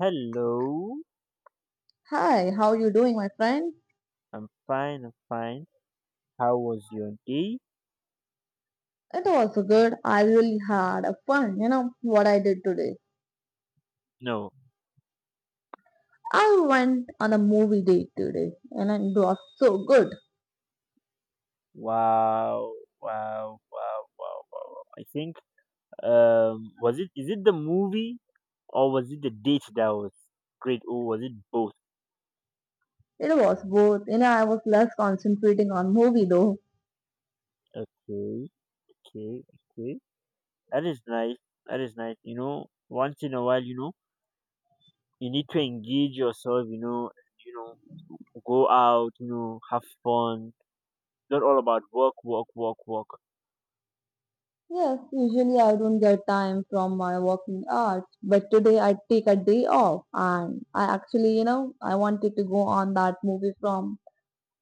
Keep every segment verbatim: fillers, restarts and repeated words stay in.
Hello. Hi, how you doing, my friend? I'm fine, I'm fine. How was your day? It was good. I really had a fun. You know what I did today? No. I went on a movie date today, and it was so good. Wow. Wow. Wow. Wow. Wow. wow. I think um was it is it the movie or was it the date that was great, or was it both? It was both. You know, I was less concentrating on movie though. Okay. Okay. Okay. That is nice. That is nice. You know, once in a while, you know, you need to engage yourself, you know, you know, go out, you know, have fun. Not all about work, work, work, work. Yes, usually I don't get time from my working hours, but today I take a day off, and I actually, you know, I wanted to go on that movie from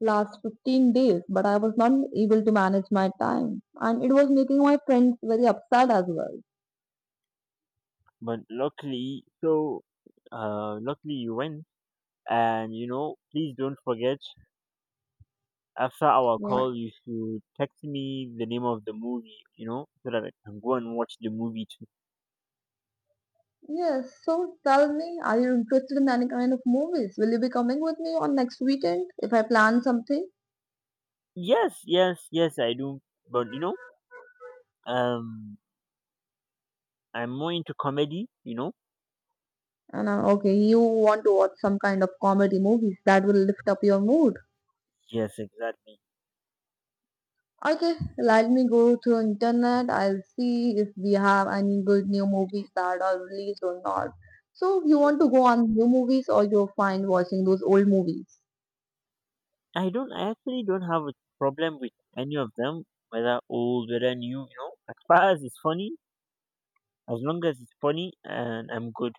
last fifteen days, but I was not able to manage my time, and it was making my friends very upset as well. But luckily, so uh, luckily you went. And you know, please don't forget, after our What? call, you should text me the name of the movie. You know, so that I can go and watch the movie too. Yes. So tell me, are you interested in any kind of movies? Will you be coming with me on next weekend if I plan something? Yes, yes, yes, I do. But you know, um, I'm more into comedy. You know. And uh, Okay, you want to watch some kind of comedy movies that will lift up your mood. Yes, exactly. Okay, let me go to internet. I'll see if we have any good new movies that are released or not. So you want to go on new movies or you're fine watching those old movies? I don't. I actually don't have a problem with any of them, whether old, whether new. You know, as far as it's funny, as long as it's funny, and I'm good.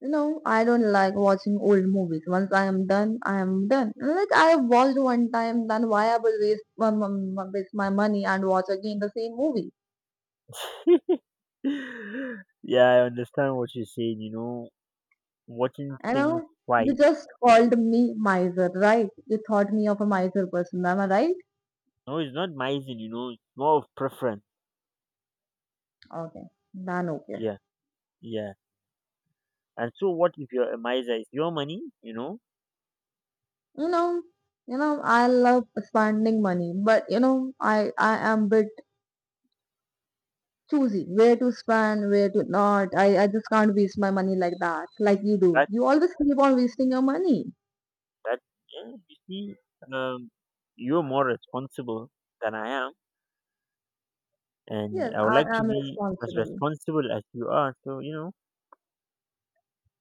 No, I don't like watching old movies. Once I am done, I am done. Like I have watched one time, then why I will waste my, my, my- waste my money and watch again the same movie? Yeah, I understand what you're saying. You know, watching You things know, you twice. just called me miser, right? You thought me of a miser person, am I right? No, it's not mising. You know, it's more of preference. Okay, then okay. Yeah, yeah. And so, what if you're a miser? It's your money. You know You know, you know, I love spending money, but you know, I I am bit choosy where to spend, where to not. I I just can't waste my money like that, like you do. that You always keep on wasting your money. that Yeah, you see, um, you're more responsible than I am, and Yes, I would like I to am be as responsible. responsible as you are. So you know,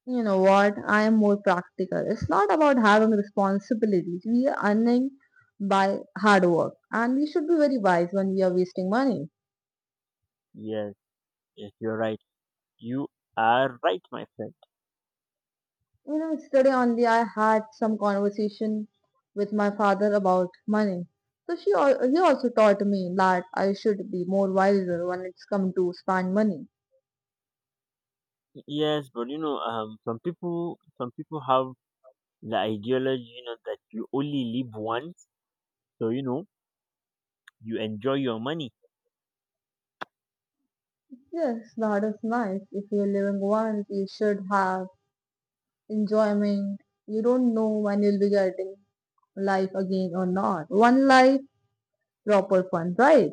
You know what? I am more practical. It's not about having responsibilities. We are earning by hard work, and we should be very wise when we are wasting money. yes, yes, you're right. You are right, my friend. You know, yesterday only I had some conversation with my father about money. So she al- he also taught me that I should be more wiser when it's come to spend money. Yes, but you know, um, some people, some people have the ideology you know that you only live once, so you know, you enjoy your money. Yes, that is nice. If you're living once, you should have enjoyment. You don't know when you'll be getting life again or not. One life, proper fun, right?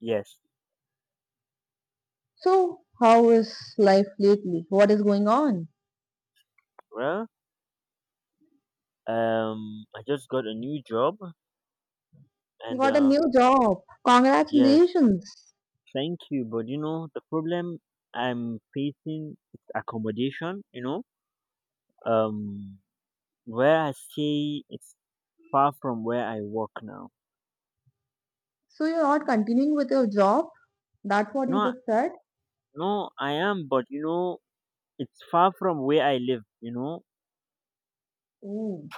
Yes. So, how is life lately? What is going on? Well, um I just got a new job, You and got a uh new job. Yes, Congratulations. thank you, but you know, the problem I'm facing is accommodation, you know um where I stay is far from where I work now. So, you're not continuing with your job? That's what you No, just said? no, I am, but you know, it's far from where I live, you know. Mm.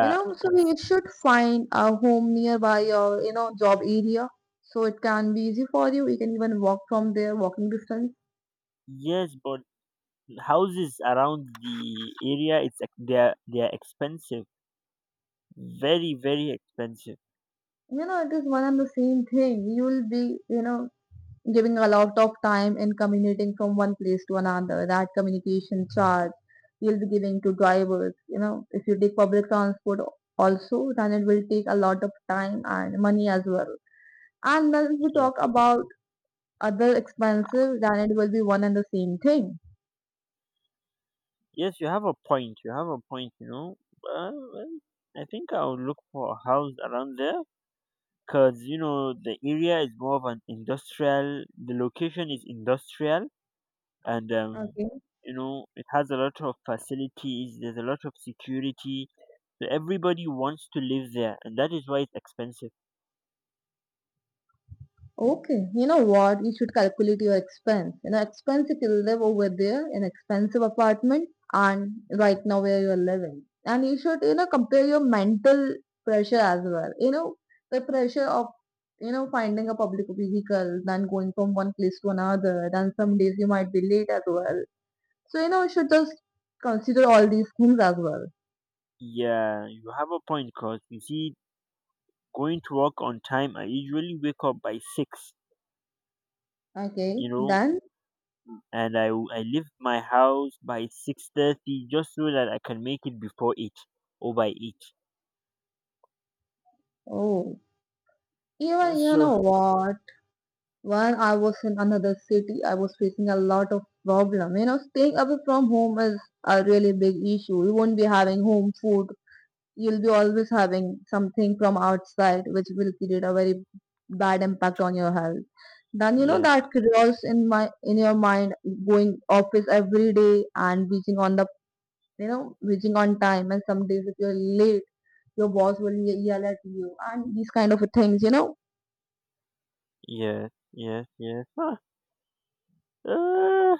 You know, so It's— you should find a home nearby your, you know, job area. So it can be easy for you. You can even walk from there, walking distance. yes, but houses around the area, it's ex- they are they are expensive, very, very expensive. You know, it is one and the same thing. You will be, you know, giving a lot of time in commuting from one place to another, that communication charge you'll be giving to drivers, you know, if you take public transport also, then it will take a lot of time and money as well. And then if we Ye- talk about other expenses, then it will be one and the same thing. yes, you have a point, you have a point. You know, uh, well, I think I'll look for a house around there, because you know, the area is more of an industrial the location is industrial. And um Okay. you know, it has a lot of facilities, there's a lot of security, so everybody wants to live there, and that is why it's expensive. Okay, you know what? You should calculate your expense. You know, expense if you live over there in expensive apartment and right now where you are living. And you should, you know, compare your mental pressure as well. You know, the pressure of, you know, finding a public vehicle, then going from one place to another, then some days you might be late as well. So, you know, you should just consider all these things as well. Yeah, you have a point, because you see, going to work on time, I usually wake up by six, Okay, you know, then, and I I leave my house by six thirty just so that I can make it before eight or by eight. oh, even, you So know what? When I was in another city, I was facing a lot of problem. You know, staying away from home is a really big issue. You won't be having home food. You'll be always having something from outside, which will create a very bad impact on your health. Then you know yeah, that curious in my in your mind going office every day and reaching on the you know reaching on time and some days if you're late your boss will ye- yell at you and these kind of things, you know. yeah, yeah, yeah. Ah, ah,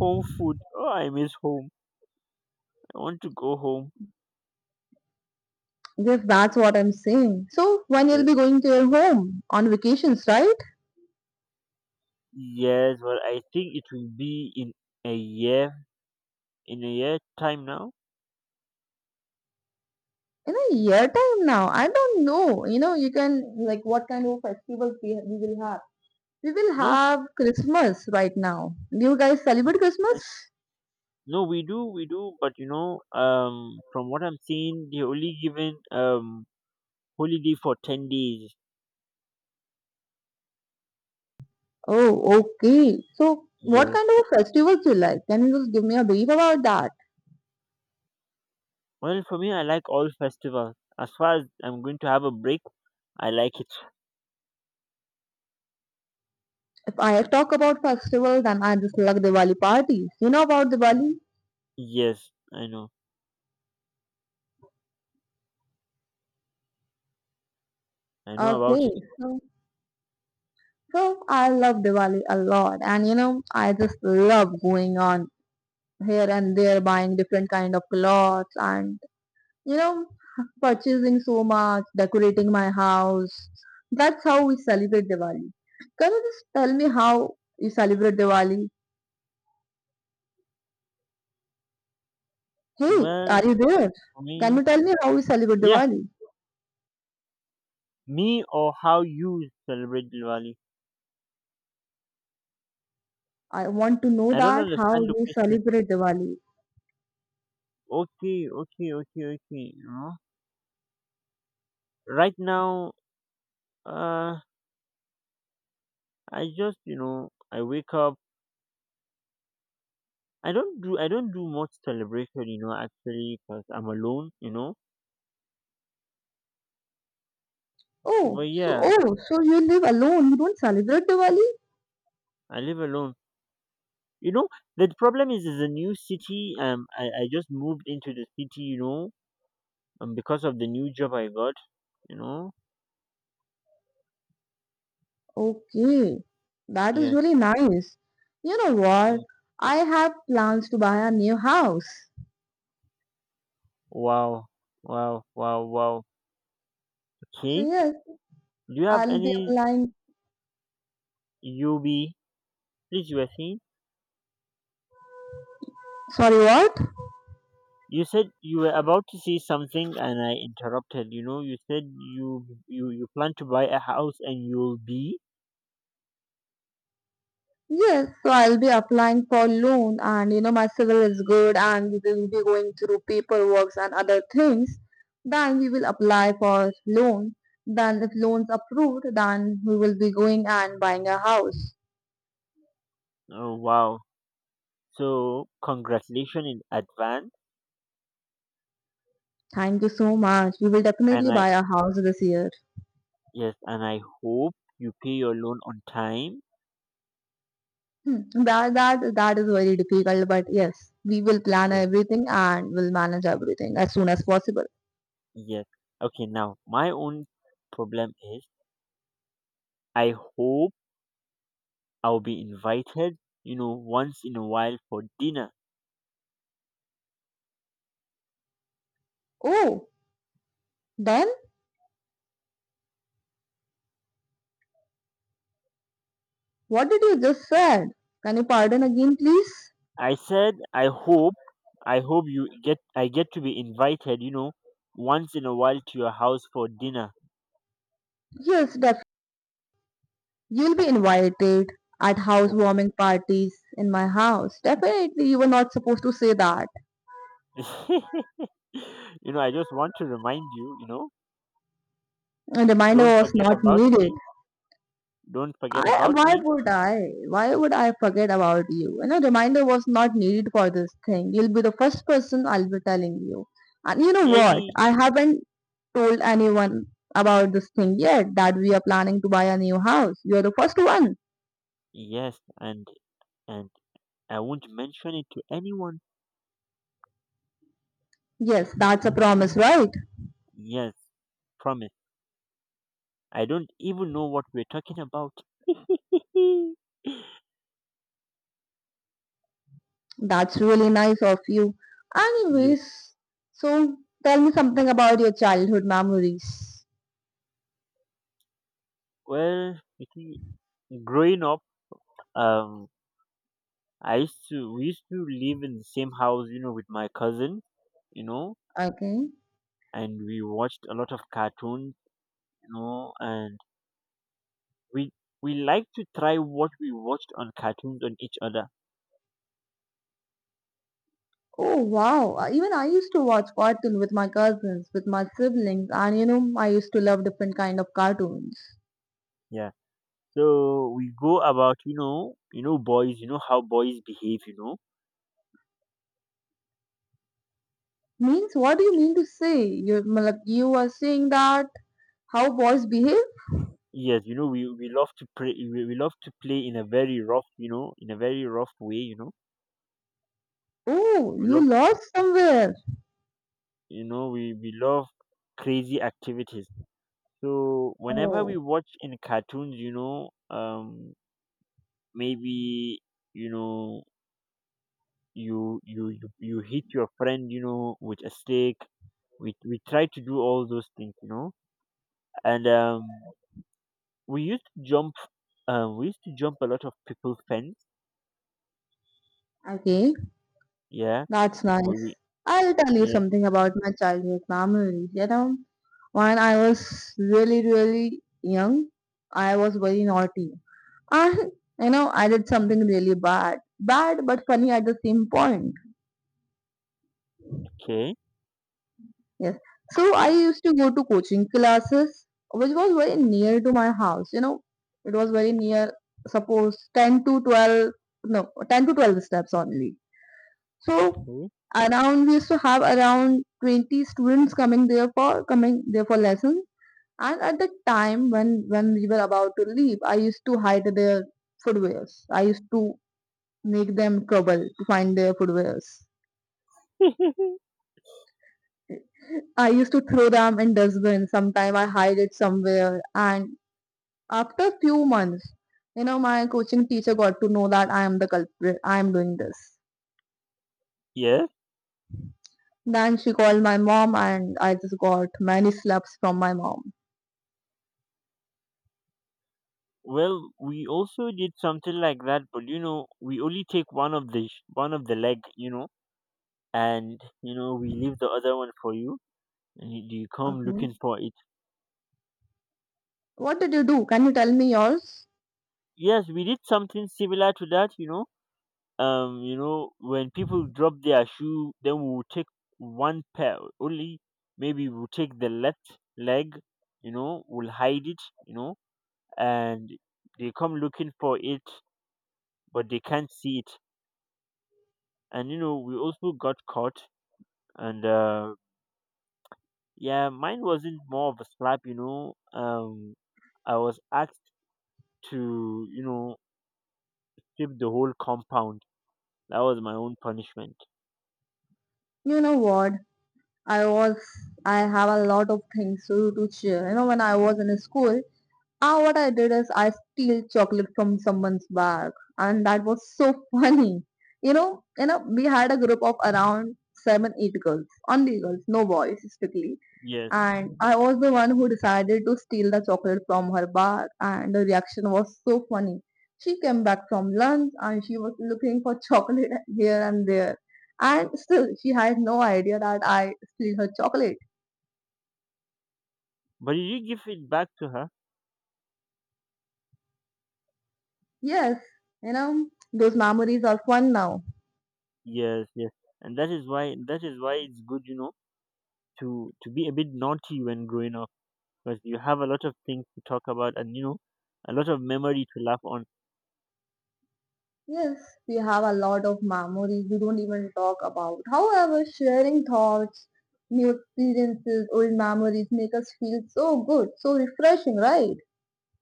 home food. Oh, I miss home. I want to go home. Yes, that's what I'm saying. So when you'll Yes, be going to your home on vacations, right? yes, but I think it will be in a year, in a year time now. In a year time now. I don't know. You know, you can like what kind of festivals we, we will have. We will No, have Christmas right now. Do you guys celebrate Christmas? no, we do, we do, but you know, um, from what I'm seeing, they're only given um holiday for ten days. Oh, okay. So what Yes. kind of festivals you like? Can you just give me a brief about that? Well, for me, I like all festivals. As far as I'm going to have a break, I like it. If I talk about festivals, then I just like Diwali parties. You know about Diwali? Yes, I know, I know about Okay. it. So So I love Diwali a lot, and you know, I just love going on here and there, buying different kind of clothes, and you know, purchasing so much, decorating my house. That's how we celebrate Diwali. Can you just tell me how you celebrate Diwali? Hey, are Well, you there? for Can me, you tell me how we celebrate yeah, Diwali? me or how you celebrate Diwali. I want to know I don't that how understand the you question. celebrate Diwali. Okay, okay, okay, okay. You know, right now, uh, I just, you know, I wake up. I don't do I don't do much celebration, you know, actually, because I'm alone, you know. Oh, But so yeah, oh, so you live alone? You don't celebrate Diwali? I live alone. You know, the problem is, it's a new city. Um, I, I just moved into the city, you know, um, because of the new job I got, you know. Okay, that is Yeah, really nice. You know what? yeah. I have plans to buy a new house. Wow, wow, wow, wow. So Okay. yes, Do you have I'll be any applying. U B? Please, you were saying. Sorry, what? You said you were about to say something, and I interrupted. You know, you said you you you plan to buy a house, and you'll be. Yes, so I'll be applying for loan, and you know my civil is good, and we will be going through paperwork and other things. Then we will apply for loan. Then if loan's approved, then we will be going and buying a house. Oh wow. So congratulations in advance, Thank you so much. We will definitely and I buy a house this year. yes, and I hope you pay your loan on time. Hmm, that that that is very difficult, but yes, we will plan Yes, everything and will manage everything as soon as possible. yes. Okay, now my own problem is, I hope I'll be invited, you know, once in a while for dinner. Oh, then what did you just said? Can you pardon again, please? I said I hope— I hope you get I get to be invited, you know, once in a while to your house for dinner. Yes, definitely. You'll be invited at Okay. housewarming parties in my house. Definitely, you were not supposed to say that. You know, I just want to remind you, you know, A reminder don't was forget not about needed. me. Don't forget I about why me. would I? Why would I forget about you? You know, reminder was not needed for this thing. You'll be the first person I'll be telling you. And you know Yeah, I what? mean, I haven't told anyone about this thing yet that we are planning to buy a new house. You're the first one. yes, and and I won't mention it to anyone. Yes, that's a promise, right? Yes, promise. I don't even know what we're talking about. That's really nice of you. Yeah. Anyways, so tell me something about your childhood memories. Well, you see, growing up, um, I used to we used to live in the same house, you know, with my cousin, you know, Okay. and we watched a lot of cartoons, you know, and we we like to try what we watched on cartoons on each other. Oh wow. Uh, even I used to watch cartoon with my cousins, with my siblings, and you know, I used to love different kind of cartoons. Yeah. So we go about, you know, you know, boys, you know how boys behave, you know. Means what do you mean to say? You like you are saying that how boys behave? Yes, you know, we, we love to play, we, we love to play in a very rough, you know, in a very rough way, you know. Oh, We you love, lost somewhere. you know, we, we love crazy activities. So whenever we Oh, watch in cartoons, you know, um, maybe, you know, you, you, you, you hit your friend, you know, with a stick. We, we try to do all those things, you know, and, um, we used to jump, um, we used to jump a lot of people fence. okay. Yeah, That's we, nice. we I'll tell you yeah, something about my childhood memories. You know, when I was really, really young, I was very naughty. I, you know, I did something really bad, bad but funny at the same point. okay, Yes. So I used to go to coaching classes, which was very near to my house. You know, it was very near, suppose ten to twelve, no, ten to twelve steps only. So okay, around, we used to have around twenty students coming there for, coming there for lessons. And at the time when, when we were about to leave, I used to hide their footwears. I used to make them trouble to find their footwears. I used to throw them in dustbin. Sometime I hide it somewhere. And after a few months, you know, my coaching teacher got to know that I am the culprit. I am doing this. yeah. Then she called my mom, and I just got many slaps from my mom. Well, we also did something like that, but you know, we only take one of the sh- one of the leg, you know, and you know, we leave the other one for you, and you, you come Okay. looking for it. What did you do? Can you tell me yours? Yes, we did something similar to that, you know. um you know, when people drop their shoe, then we will take one pair only. Maybe we'll take the left leg, you know, we'll hide it, you know, and they come looking for it, but they can't see it. And you know, we also got caught. And uh yeah, mine wasn't more of a slap, you know. um I was asked to, you know, sweep the whole compound. That was my own punishment. You know what? I was. I have a lot of things to do to cheer. You know, when I was in school, Ah, what I did is I steal chocolate from someone's bag, and that was so funny. You know, you know, we had a group of around seven, eight girls, only girls, no boys strictly. Yes. And I was the one who decided to steal the chocolate from her bag, and the reaction was so funny. She came back from lunch and she was looking for chocolate here and there, and still she had no idea that I stole her chocolate. But did you give it back to her? Yes, you know, those memories are fun now. Yes, yes, and that is why, that is why it's good, you know, to to be a bit naughty when growing up, because you have a lot of things to talk about, and you know, a lot of memory to laugh on. Yes, we have a lot of memories we don't even talk about. However, sharing thoughts, new experiences, old memories make us feel so good, so refreshing, right?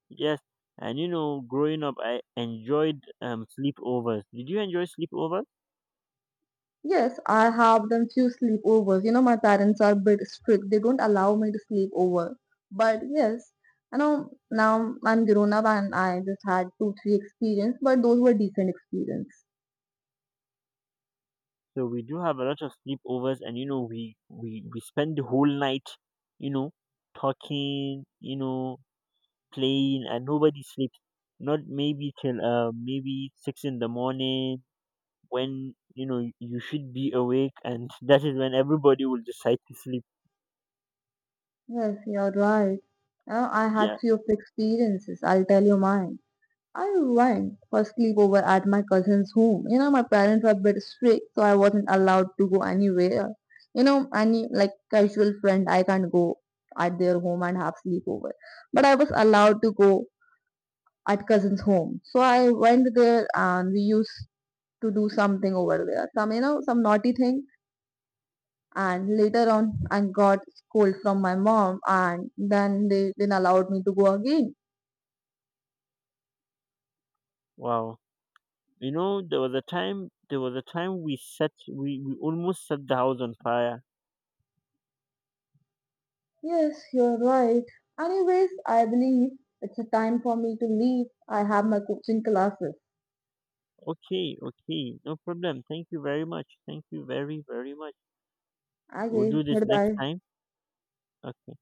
Yes, and you know, growing up, I enjoyed um sleepovers. Did you enjoy sleepovers? Yes, I have done few sleepovers. You know, my parents are a bit strict. They don't allow me to sleep over. But yes, I know now I'm grown up and I just had two, three experience, but those were decent experience. So we do have a lot of sleepovers, and you know, we we we spend the whole night, you know, talking, you know, playing, and nobody sleeps. Not maybe till uh maybe six in the morning, when you know you should be awake, and that is when everybody will decide to sleep. Yes, you're right. Uh, I had Yeah, few of the experiences. I'll tell you mine. I went for sleepover at my cousin's home. You know, my parents were a bit strict, so I wasn't allowed to go anywhere. You know, any like casual friend, I can't go at their home and have sleepover. But I was allowed to go at cousin's home. So I went there and we used to do something over there. Some, you know, some naughty thing. And later on, I got scold from my mom and then they didn't allowed me to go again. wow. You know, there was a time, there was a time we set, we, we almost set the house on fire. Yes, you're right. Anyways, I believe it's a time for me to leave. I have my coaching classes. Okay, okay, no problem, thank you very much, thank you very, very much. We'll Okay, do this next goodbye. time. Okay.